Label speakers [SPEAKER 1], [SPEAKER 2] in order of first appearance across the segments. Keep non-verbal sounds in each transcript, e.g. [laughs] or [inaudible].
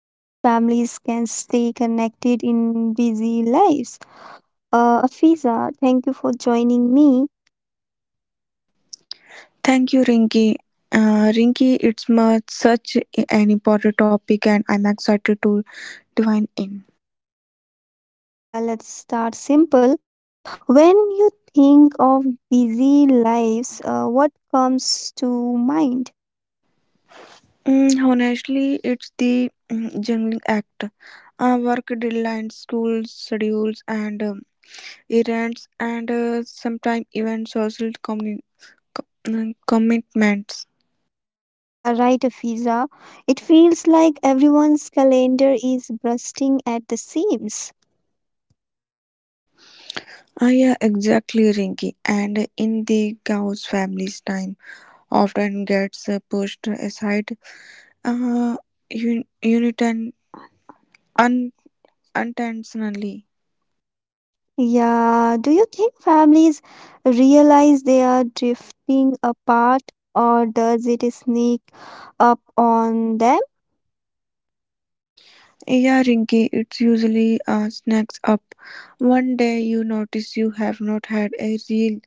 [SPEAKER 1] how families can stay connected in busy lives. Afiza, thank you for joining me.
[SPEAKER 2] Thank you, Rinky. Rinky, it's such an important topic, and I'm excited to divine in.
[SPEAKER 1] Yeah, let's start simple. When you think of busy lives, what comes to mind?
[SPEAKER 2] Honestly, it's the juggling act. Work deadlines, school schedules, and errands, and sometimes even social communi- co- mm, commitments.
[SPEAKER 1] Yeah, right, Afiza. It feels like everyone's calendar is bursting at the seams.
[SPEAKER 2] Yeah, exactly, Rinky. And in the cows, family's time often gets pushed aside. Uh, un- unit and Unintentionally.
[SPEAKER 1] Yeah, do you think families realize they are drifting apart, or does it sneak up on them?
[SPEAKER 2] Yeah, Rinky, it's usually snacks up. One day you notice you have not had a real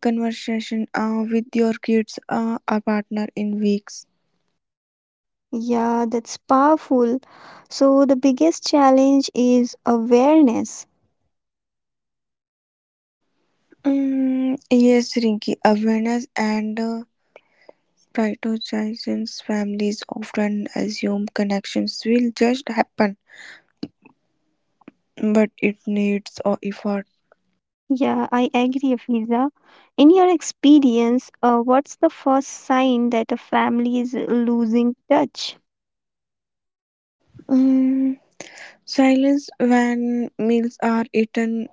[SPEAKER 2] conversation with your kids or partner in weeks.
[SPEAKER 1] Yeah, that's powerful. So the biggest challenge is awareness.
[SPEAKER 2] Yes, Rinky, awareness and prioritization families often assume connections will just happen, but it needs effort.
[SPEAKER 1] Yeah, I agree, Fiza. In your experience, what's the first sign that a family is losing touch?
[SPEAKER 2] Mm, Silence when meals are eaten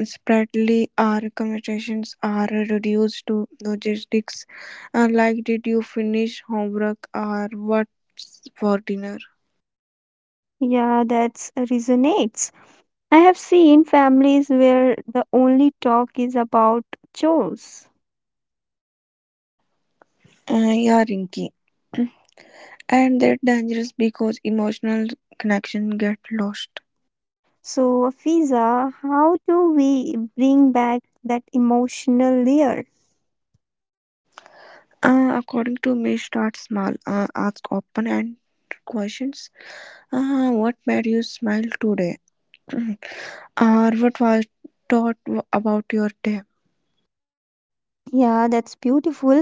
[SPEAKER 2] spreadly, our conversations are reduced to logistics, like did you finish homework or what's for dinner?
[SPEAKER 1] Yeah, that's resonates. I have seen families where the only talk is about chores.
[SPEAKER 2] Yeah, Rinky. And they're dangerous because emotional connection get lost.
[SPEAKER 1] So, Fiza, how do we bring back that emotional layer?
[SPEAKER 2] According to me, start small. Ask open and questions. What made you smile today? [clears throat] Or what was taught about your day?
[SPEAKER 1] Yeah, that's beautiful.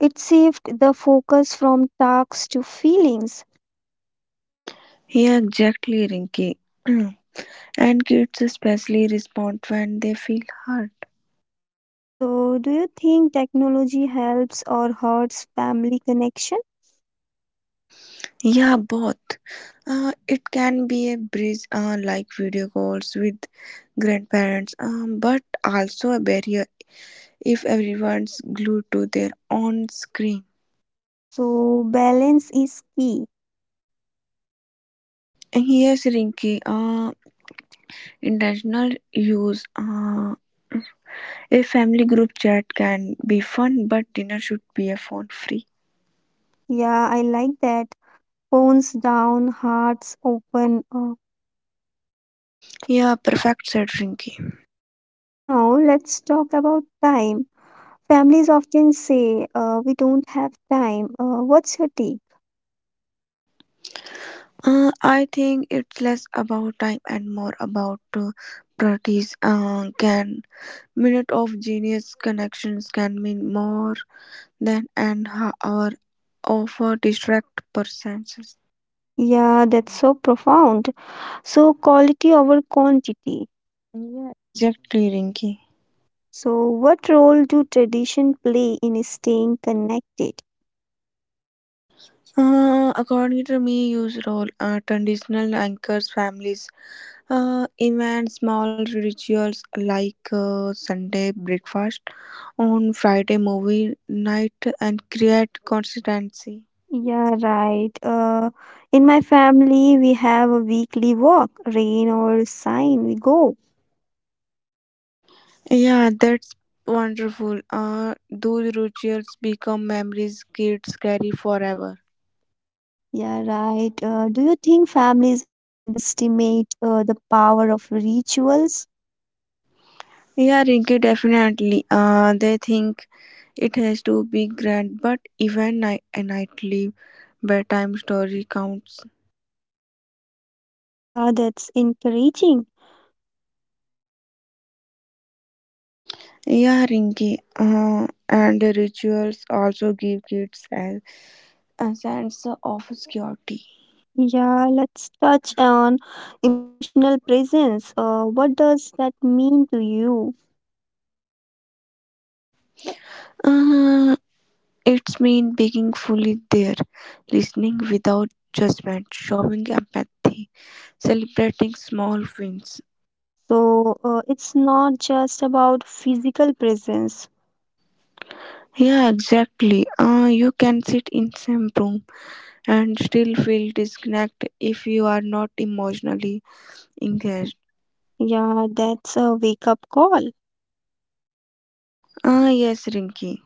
[SPEAKER 1] It shifts the focus from tasks to feelings.
[SPEAKER 2] Yeah, exactly, Rinky. [clears throat] And kids especially respond when they feel hurt.
[SPEAKER 1] So, do you think technology helps or hurts family connection?
[SPEAKER 2] Yeah, both. It can be a bridge, like video calls with grandparents, but also a barrier if everyone's glued to their own screen.
[SPEAKER 1] So, balance is key.
[SPEAKER 2] And here's Rinky. Intentional use. A family group chat can be fun, but dinner should be a phone free.
[SPEAKER 1] Yeah, I like that. Phones down, hearts open. Up.
[SPEAKER 2] Yeah, perfect, said Rinky.
[SPEAKER 1] Now, let's talk about time. Families often say, we don't have time. What's your take?
[SPEAKER 2] I think it's less about time and more about priorities. Can minute of genius connections can mean more than an hour of distract persons.
[SPEAKER 1] Yeah, that's so profound. So, quality over quantity. Yeah.
[SPEAKER 2] Yeah, exactly, Rinky.
[SPEAKER 1] So, what role do tradition play in staying connected?
[SPEAKER 2] According to me, use role traditional anchors, families, events, small rituals like Sunday breakfast, on Friday movie night, and create consistency.
[SPEAKER 1] Yeah, right. In my family, we have a weekly walk, rain or sign, we go.
[SPEAKER 2] Yeah, that's wonderful. Those rituals become memories kids carry forever.
[SPEAKER 1] Yeah, right. Do you think families underestimate the power of rituals?
[SPEAKER 2] Yeah, Rinky, definitely. They think it has to be grand, but even nightly bedtime story counts.
[SPEAKER 1] Yeah, that's encouraging.
[SPEAKER 2] Yeah, Rinky. And the rituals also give kids a sense of security.
[SPEAKER 1] Yeah, let's touch on emotional presence. What does that mean to you?
[SPEAKER 2] Uh, it's mean being fully there, listening without judgment, showing empathy celebrating small wins.
[SPEAKER 1] So, it's not just about physical presence.
[SPEAKER 2] Yeah, exactly. You can sit in same room and still feel disconnected if you are not emotionally engaged.
[SPEAKER 1] Yeah, that's a wake up call.
[SPEAKER 2] Yes, Rinky.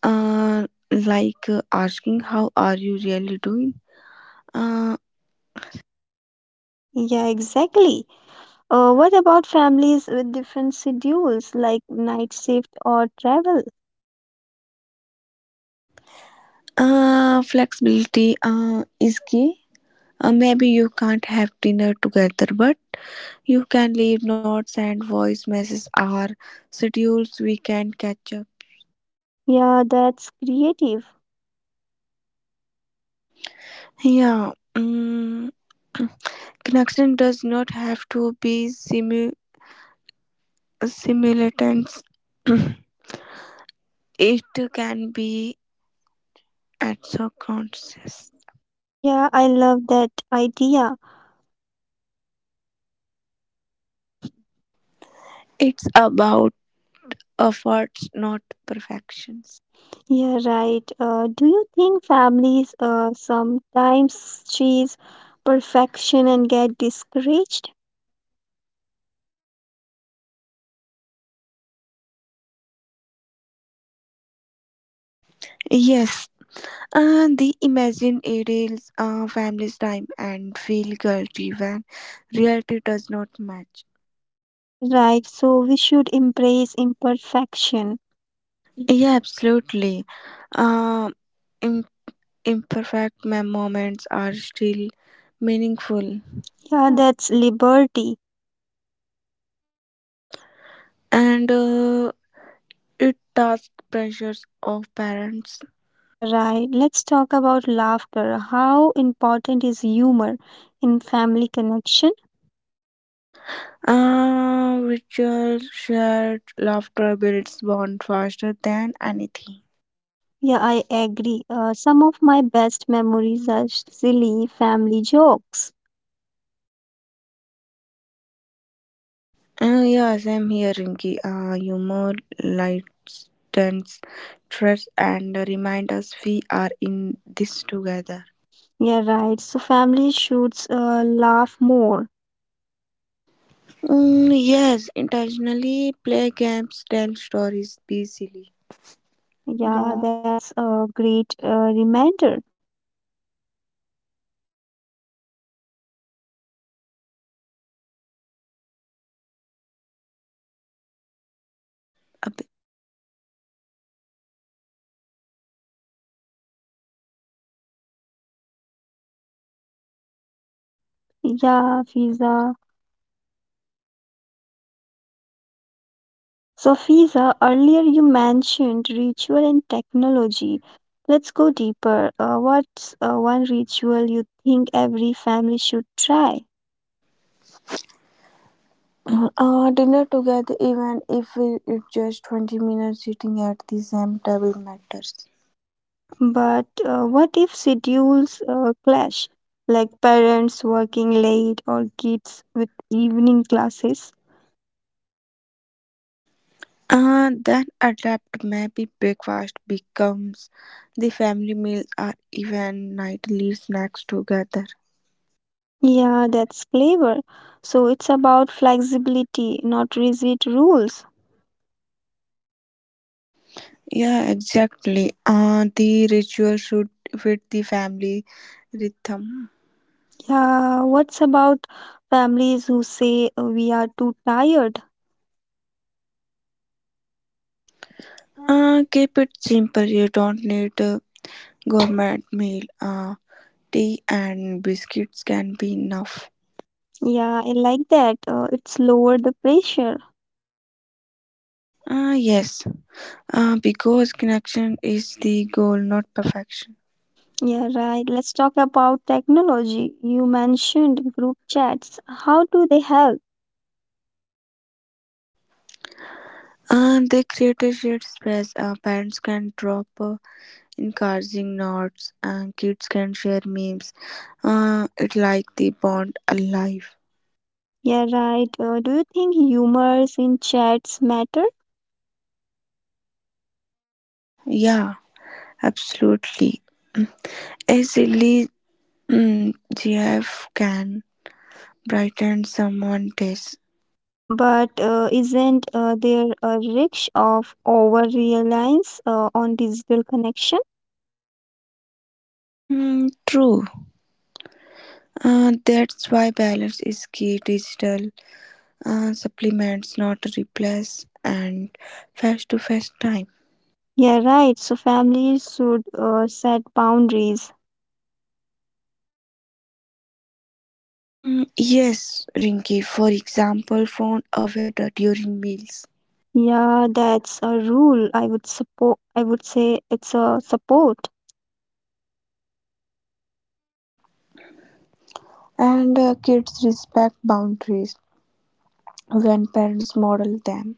[SPEAKER 2] Like asking how are you really doing? Uh,
[SPEAKER 1] Yeah, exactly. What about families with different schedules like night shift or travel?
[SPEAKER 2] Flexibility is key. Maybe you can't have dinner together, but you can leave notes and voice messages or schedules we can catch up.
[SPEAKER 1] Yeah, that's creative.
[SPEAKER 2] Yeah. Connection does not have to be simultaneous. [laughs] [clears throat] It can be at subconscious.
[SPEAKER 1] Yeah, I love that idea.
[SPEAKER 2] It's about efforts, not perfections.
[SPEAKER 1] Yeah, right. Do you think families sometimes chase perfection and get discouraged?
[SPEAKER 2] Um, yes, the imagine ideals family's time and feel guilty when reality does not match.
[SPEAKER 1] Yeah, right. So we should embrace imperfection.
[SPEAKER 2] Yeah, absolutely. Um, im- Imperfect moments are still meaningful,
[SPEAKER 1] Yeah, that's liberty.
[SPEAKER 2] and it tasked pressures of parents,
[SPEAKER 1] Yeah, right. Let's talk about laughter. How important is humor in family connection?
[SPEAKER 2] which virtual shared laughter builds bond faster than anything.
[SPEAKER 1] Yeah, I agree. Some of my best memories are silly family jokes.
[SPEAKER 2] Yes, I'm here, Rinky. Humor lightens stress and remind us we are in this together.
[SPEAKER 1] Yeah, right. So family should laugh more.
[SPEAKER 2] Yes, intentionally play games, tell stories, be silly.
[SPEAKER 1] Yeah, that's a great reminder.
[SPEAKER 2] A
[SPEAKER 1] Yeah, Fiza. So, Fiza, earlier you mentioned ritual and technology. Let's go deeper. What's one ritual you think every family should try?
[SPEAKER 2] Dinner together, even if it's just 20 minutes sitting at the same table, matters.
[SPEAKER 1] But what if schedules clash, like parents working late or kids with evening classes?
[SPEAKER 2] Then adapt maybe breakfast becomes the family meal or even nightly snacks together.
[SPEAKER 1] Yeah, that's clever. So, it's about flexibility, not rigid rules.
[SPEAKER 2] Yeah, exactly. The ritual should fit the family rhythm.
[SPEAKER 1] Yeah, what's about families who say we are too tired?
[SPEAKER 2] Keep it simple. You don't need a gourmet meal. Tea and biscuits can be enough.
[SPEAKER 1] Yeah, I like that. It's lower the pressure.
[SPEAKER 2] Yes, because connection is the goal, not perfection.
[SPEAKER 1] Yeah, right. Let's talk about technology. You mentioned group chats. How do they help?
[SPEAKER 2] And they create a shared space. Parents can drop encouraging nods, and kids can share memes. It like the bond alive.
[SPEAKER 1] Yeah, right. Do you think humors in chats matter?
[SPEAKER 2] Yeah, absolutely. A silly GF can brighten someone's day.
[SPEAKER 1] But isn't there a risk of over reliance on digital connection?
[SPEAKER 2] True. That's why balance is key. Digital supplements, not replace, and face-to-face time.
[SPEAKER 1] Yeah, right. So families should set boundaries.
[SPEAKER 2] Yes, Rinky, for example, found a waiter during meals.
[SPEAKER 1] Yeah, that's a rule. I would support, I would say it's a support.
[SPEAKER 2] And kids respect boundaries when parents model them.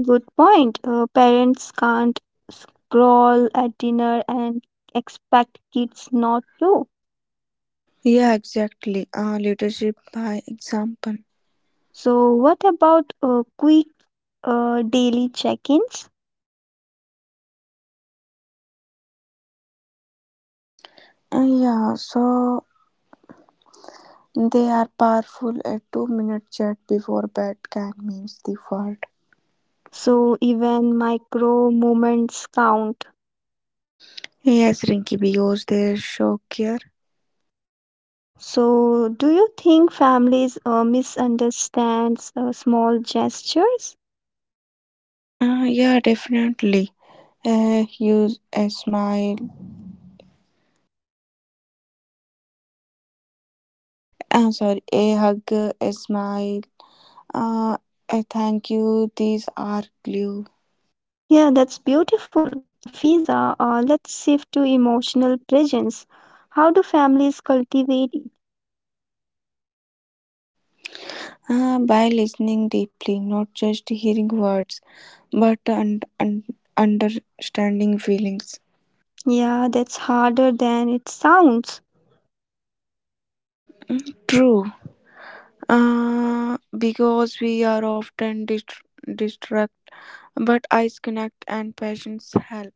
[SPEAKER 1] Good point. Parents can't scroll at dinner and expect kids not to.
[SPEAKER 2] Yeah, exactly. Leadership by example.
[SPEAKER 1] So, what about quick daily check ins?
[SPEAKER 2] Yeah, so they are powerful. A 2 minute chat before bed can mean the world.
[SPEAKER 1] So, even micro moments count.
[SPEAKER 2] Yes, Rinky, because they show care.
[SPEAKER 1] So, do you think families misunderstands small gestures?
[SPEAKER 2] Yeah, definitely. A use a smile. A hug, a smile, uh, a thank you. These are glue.
[SPEAKER 1] Yeah, that's beautiful. Afiza, let's shift to emotional presence. How do families cultivate it?
[SPEAKER 2] By listening deeply, not just hearing words, but understanding feelings.
[SPEAKER 1] Yeah, that's harder than it sounds.
[SPEAKER 2] True. Uh, because we are often distract, but eyes connect and patience help.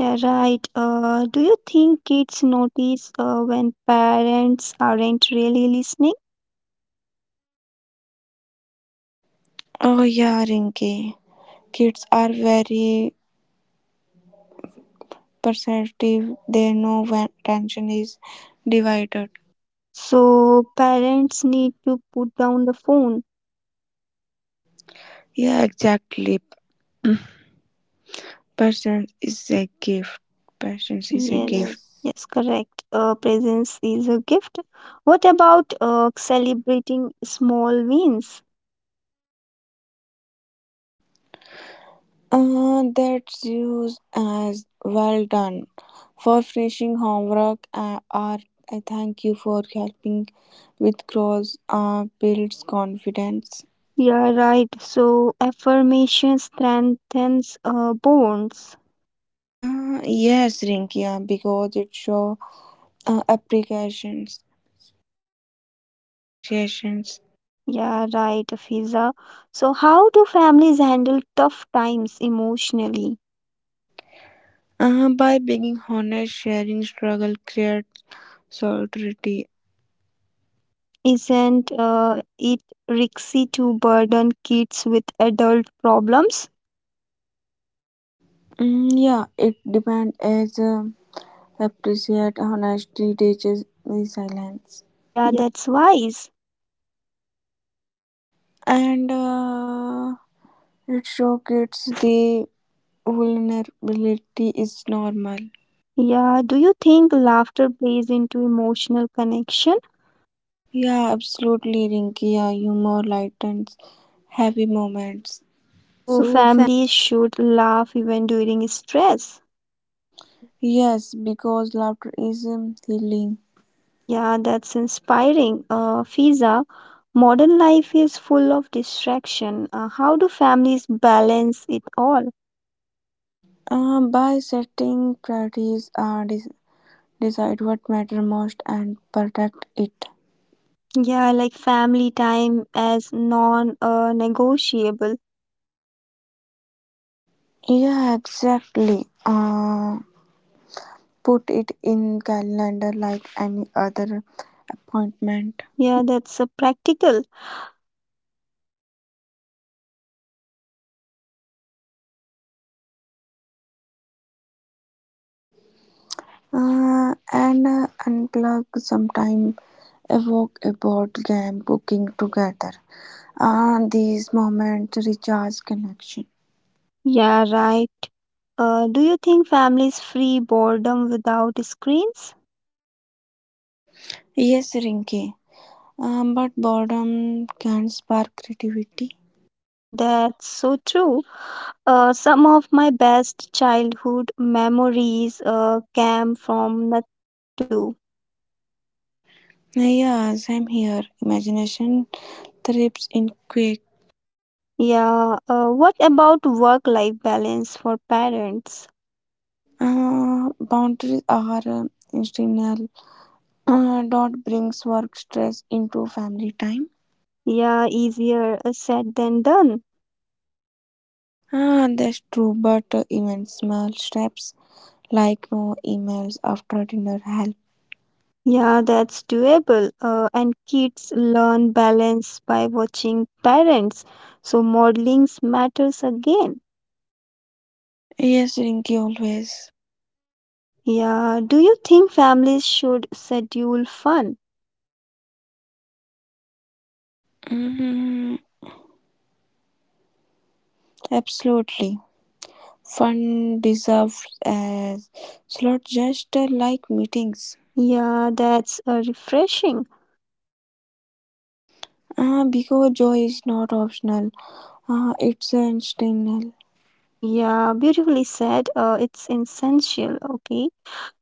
[SPEAKER 1] Yeah, right. Do you think kids notice when parents aren't really listening?
[SPEAKER 2] Oh yeah, Rinki. Kids are very perceptive. They know when attention is divided.
[SPEAKER 1] So, parents need to put down the phone.
[SPEAKER 2] Yeah, exactly. Patience is a gift. Patience is a yes
[SPEAKER 1] Yes,
[SPEAKER 2] gift.
[SPEAKER 1] yes, correct. Presence is a gift. What about celebrating small wins?
[SPEAKER 2] That's used as well done for finishing homework or I thank you for helping with cross builds confidence.
[SPEAKER 1] Yeah, right. So affirmation strengthens bonds.
[SPEAKER 2] Yes, Rinkia, because it shows uh, applications, appreciations.
[SPEAKER 1] Yeah, right, Fiza. So how do families handle tough times emotionally?
[SPEAKER 2] By being honest, sharing struggle creates solidarity.
[SPEAKER 1] Isn't it risky to burden kids with adult problems?
[SPEAKER 2] Yeah, it depends as appreciate honesty teaches resilience.
[SPEAKER 1] Yeah, that's wise.
[SPEAKER 2] And it shows kids the vulnerability is normal.
[SPEAKER 1] Yeah, do you think laughter plays into emotional connection?
[SPEAKER 2] Yeah, absolutely, Rinky. Yeah, humor lightens heavy moments.
[SPEAKER 1] So
[SPEAKER 2] So, fa-
[SPEAKER 1] families should laugh even during stress.
[SPEAKER 2] Yes, because laughter is healing.
[SPEAKER 1] Yeah, that's inspiring. Fiza, modern life is full of distraction. How do families balance it all?
[SPEAKER 2] By setting priorities, decide what matter most and protect it.
[SPEAKER 1] Yeah, like family time as non negotiable.
[SPEAKER 2] Yeah, exactly. Put it in calendar like any other appointment.
[SPEAKER 1] Yeah, that's practical.
[SPEAKER 2] And unplug sometime evoke a board game cooking together, these moments recharge connection.
[SPEAKER 1] Yeah, right. Do you think families free boredom without screens?
[SPEAKER 2] Yes, Rinki. But boredom can spark creativity.
[SPEAKER 1] That's so true. Some of my best childhood memories came from nothing to do.
[SPEAKER 2] Yes, I'm here imagination thrives in quick.
[SPEAKER 1] Yeah, what about work life balance for parents?
[SPEAKER 2] Boundaries are instinctual. Dot brings work stress into family time.
[SPEAKER 1] Yeah, easier said than done.
[SPEAKER 2] That's true, but even small steps like no emails after dinner help.
[SPEAKER 1] Yeah, that's doable. And kids learn balance by watching parents. So modelings matters again.
[SPEAKER 2] Yes, Rinky always.
[SPEAKER 1] Yeah, do you think families should schedule fun?
[SPEAKER 2] Mm, Absolutely. Fun deserves a slot just like meetings.
[SPEAKER 1] Yeah, that's refreshing.
[SPEAKER 2] Because joy is not optional, it's instinctual.
[SPEAKER 1] Yeah, beautifully said. It's essential. Okay.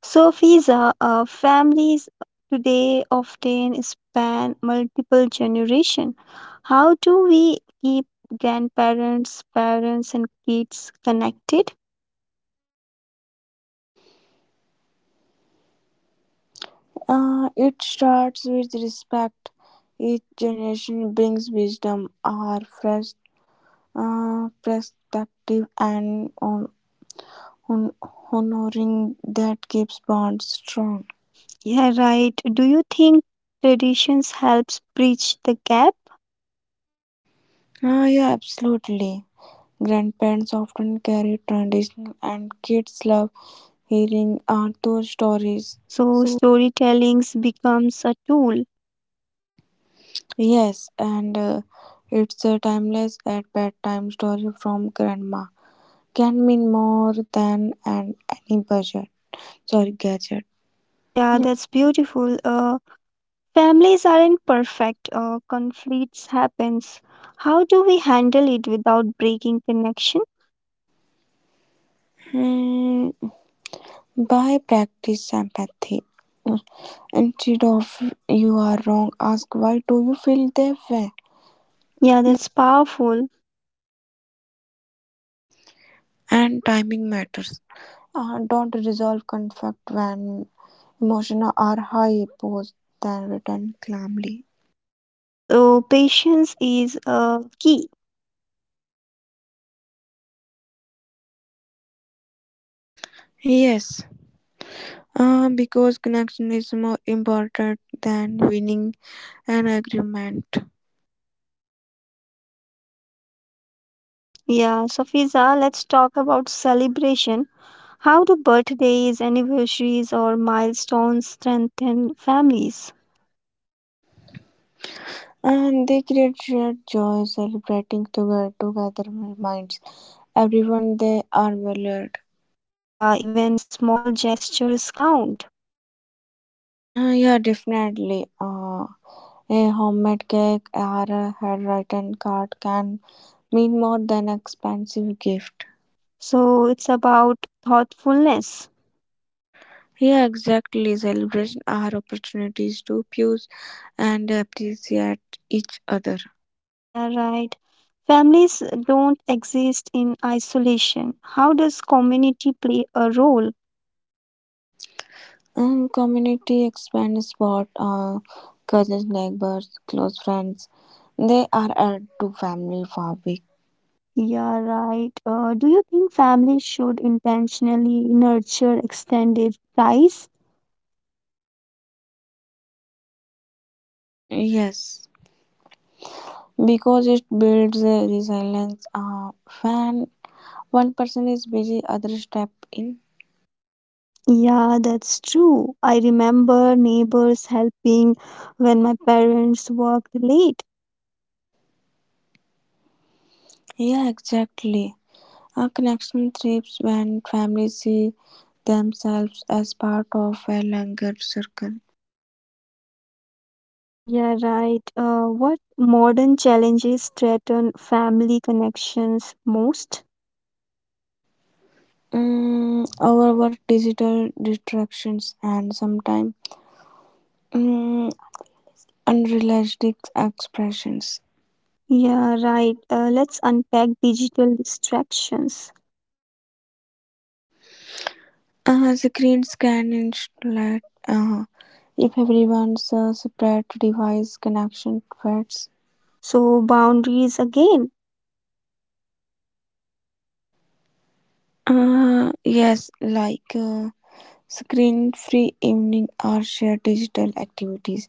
[SPEAKER 1] So, Fiza, families today often span multiple generations. How do we keep grandparents, parents, and kids connected?
[SPEAKER 2] It starts with respect. Each generation brings wisdom, our fresh perspective, and on honoring that keeps bonds strong.
[SPEAKER 1] Yeah, right. Do you think traditions helps bridge the gap?
[SPEAKER 2] Yeah, absolutely. Grandparents often carry traditional, and kids love hearing Arthur stories.
[SPEAKER 1] So,
[SPEAKER 2] So,
[SPEAKER 1] storytelling becomes a tool.
[SPEAKER 2] yes, and it's a timeless at bedtime story from grandma. Can mean more than an any budget. Sorry, gadget.
[SPEAKER 1] Yeah, that's beautiful. Families aren't perfect. Conflicts happens. How do we handle it without breaking connection?
[SPEAKER 2] Hmm. By practice empathy. Instead of you are wrong, ask why do you feel that way?
[SPEAKER 1] Yeah, that's powerful.
[SPEAKER 2] And timing matters. Don't resolve conflict when emotions are high posed than written calmly.
[SPEAKER 1] So, patience is a key.
[SPEAKER 2] Yes, because connection is more important than winning an agreement.
[SPEAKER 1] Yeah, so Fiza, let's talk about celebration. How do birthdays, anniversaries, or milestones strengthen families?
[SPEAKER 2] And they create shared joy, celebrating together reminds everyone they are valued.
[SPEAKER 1] Yeah, even small gestures count.
[SPEAKER 2] Yeah, definitely. A homemade cake or a handwritten card can mean more than expensive gift.
[SPEAKER 1] So, it's about thoughtfulness.
[SPEAKER 2] Yeah, exactly. Celebration are opportunities to pursue and appreciate each other.
[SPEAKER 1] Yeah, right. Families don't exist in isolation. How does community play a role?
[SPEAKER 2] Community expands what cousins, neighbors, close friends. They are add to family fabric.
[SPEAKER 1] Yeah, right. Do you think families should intentionally nurture extended ties?
[SPEAKER 2] Yes, because it builds resilience. When one person is busy, others step in.
[SPEAKER 1] Yeah, that's true. I remember neighbors helping when my parents worked late.
[SPEAKER 2] Yeah, exactly. A connection thrives when families see themselves as part of a larger circle.
[SPEAKER 1] Yeah, right. What modern challenges threaten family connections most?
[SPEAKER 2] Our work, digital distractions, and sometimes Mm, unrealistic expressions.
[SPEAKER 1] Yeah, right. Let's unpack digital distractions.
[SPEAKER 2] The screens can insulate if everyone's separate device connection fades.
[SPEAKER 1] So, boundaries again.
[SPEAKER 2] Yes, like screen free evening or shared digital activities,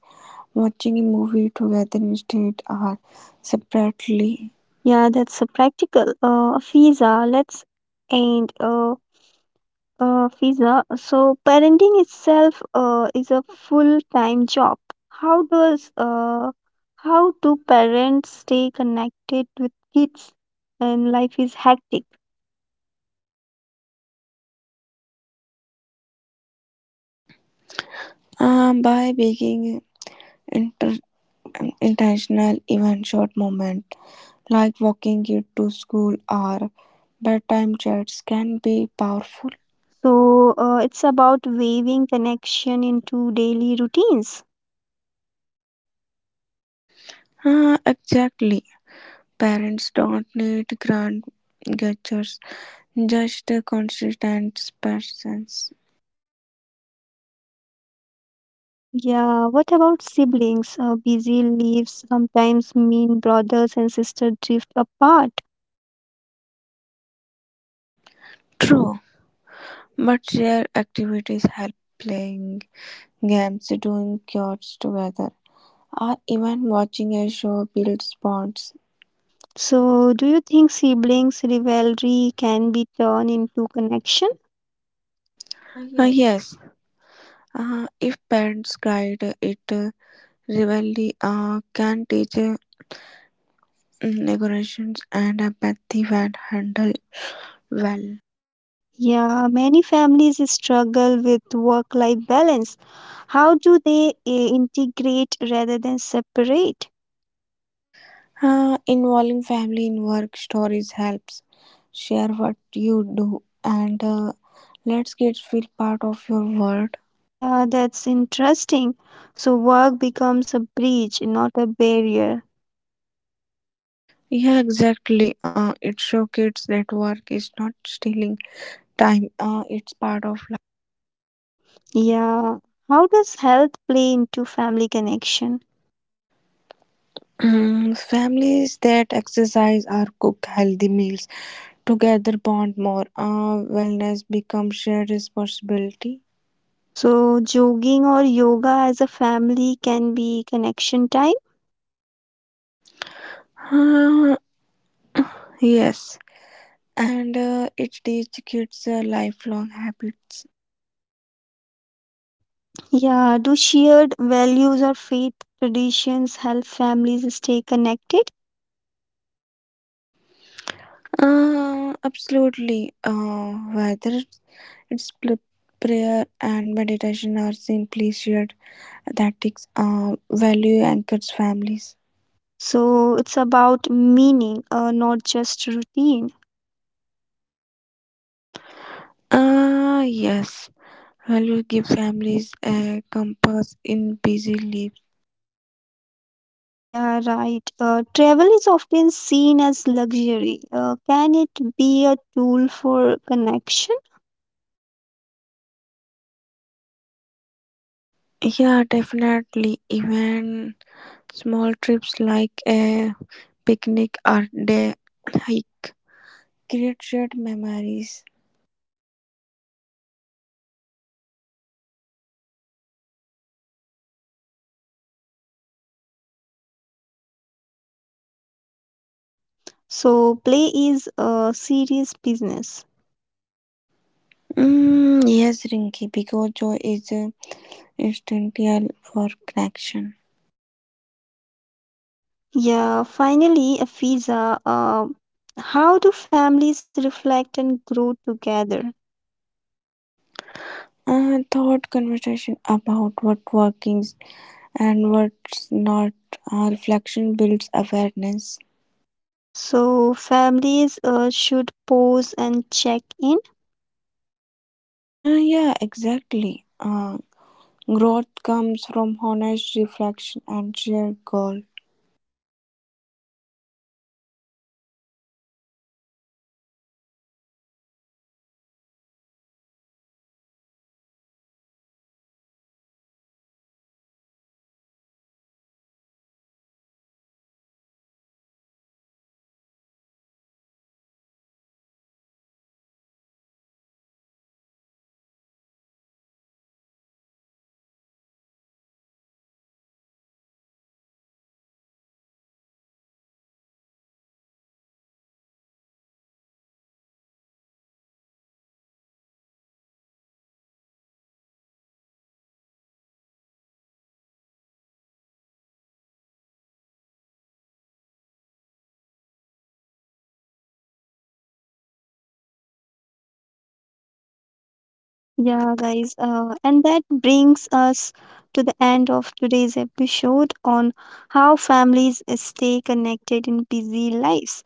[SPEAKER 2] watching a movie together instead or separately.
[SPEAKER 1] Yeah, that's a practical. Visa. Let's and Fiza, so parenting itself is a full-time job. How does uh, how do parents stay connected with kids when life is hectic?
[SPEAKER 2] By making inter- intentional even short moment like walking kid to school or bedtime chats can be powerful.
[SPEAKER 1] So it's about weaving connection into daily routines.
[SPEAKER 2] Exactly. Parents don't need grand gestures, just a consistent presence.
[SPEAKER 1] Yeah, what about siblings? Busy lives sometimes mean brothers and sisters drift apart.
[SPEAKER 2] True, but shared activities help playing games, doing chores together, or even watching a show builds bonds.
[SPEAKER 1] So, do you think siblings' rivalry can be turned into connection?
[SPEAKER 2] Ah, yes, if parents guide it, rivalry can teach negotiations and empathy when handled well.
[SPEAKER 1] Yeah, many families struggle with work life balance. How do they integrate rather than separate?
[SPEAKER 2] Involving family in work stories helps. Share what you do and lets kids feel part of your world.
[SPEAKER 1] Yeah, that's interesting. So, work becomes a bridge, not a barrier.
[SPEAKER 2] Yeah, exactly. It shows kids that work is not stealing time, it's part of life.
[SPEAKER 1] Yeah. How does health play into family connection?
[SPEAKER 2] Families that exercise or cook healthy meals together bond more. Wellness becomes shared responsibility.
[SPEAKER 1] So, jogging or yoga as a family can be connection time.
[SPEAKER 2] Uh, [sighs] yes, and it teaches kids lifelong habits.
[SPEAKER 1] Yeah. Do shared values or faith traditions help families stay connected?
[SPEAKER 2] Absolutely. Whether it's prayer and meditation or simply shared tactics, value anchors families.
[SPEAKER 1] So it's about meaning, not just routine.
[SPEAKER 2] Ah yes. Value give families a compass in busy lives.
[SPEAKER 1] Yeah, right. Travel is often seen as luxury. Can it be a tool for connection?
[SPEAKER 2] Yeah, definitely. Even small trips like a picnic or day hike create shared memories.
[SPEAKER 1] So play is a serious business.
[SPEAKER 2] Yes, Rinki, because joy is. Essential for connection.
[SPEAKER 1] Yeah, finally, Afiza, how do families reflect and grow together?
[SPEAKER 2] A thought conversation about what workings and what's not. A reflection builds awareness.
[SPEAKER 1] So families should pause and check in.
[SPEAKER 2] Yeah, exactly. Growth comes from honest reflection and shared goal.
[SPEAKER 1] Yeah, guys. And that brings us to the end of today's episode on how families stay connected in busy lives.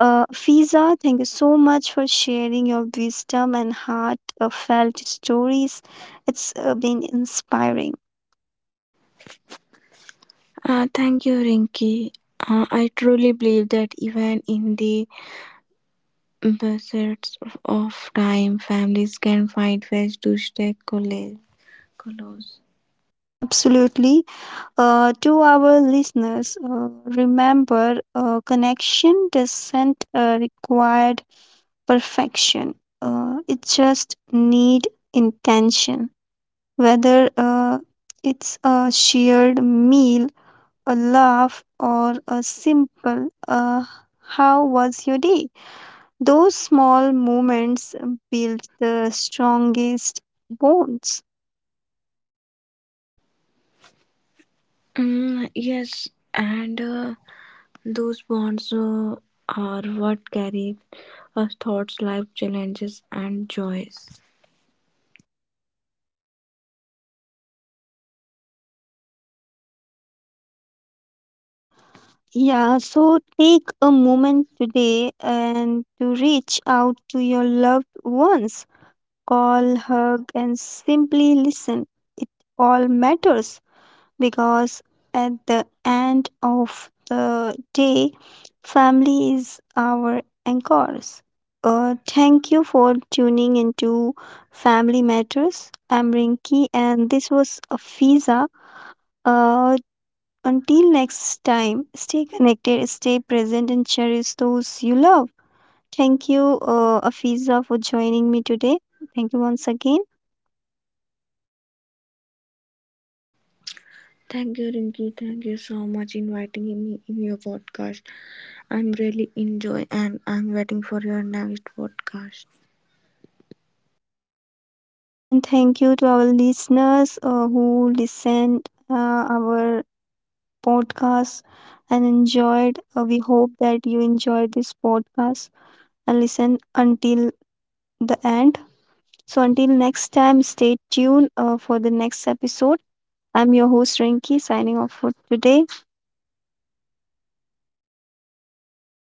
[SPEAKER 1] Fiza, thank you so much for sharing your wisdom and heartfelt stories. It's been inspiring.
[SPEAKER 2] Thank you, Rinki. I truly believe that even in the deserts of time, families can find ways to stay close.
[SPEAKER 1] Yeah, absolutely. To our listeners, remember connection doesn't require perfection. It just need intention. Whether it's a shared meal, a laugh, or a simple "How was your day?" Those small moments build the strongest bonds.
[SPEAKER 2] Yes, and those bonds are what carry us thoughts, life challenges, and joys.
[SPEAKER 1] Yeah, so take a moment today and to reach out to your loved ones. Call, hug, and simply listen. It all matters, because at the end of the day, family is our anchors. Thank you for tuning into Family Matters. I'm Rinki, and this was a Fiza. Uh, until next time, stay connected, stay present, and cherish those you love. Thank you, Afiza, for joining me today. Thank you once again.
[SPEAKER 2] Thank you, Rinki. Thank you so much inviting me in your podcast. I'm really enjoy and I'm waiting for your next podcast.
[SPEAKER 1] And thank you to our listeners who listened our podcast and enjoyed. We hope that you enjoyed this podcast and listen until the end. So, until next time, stay tuned for the next episode. I'm your host Rinki, signing off for today.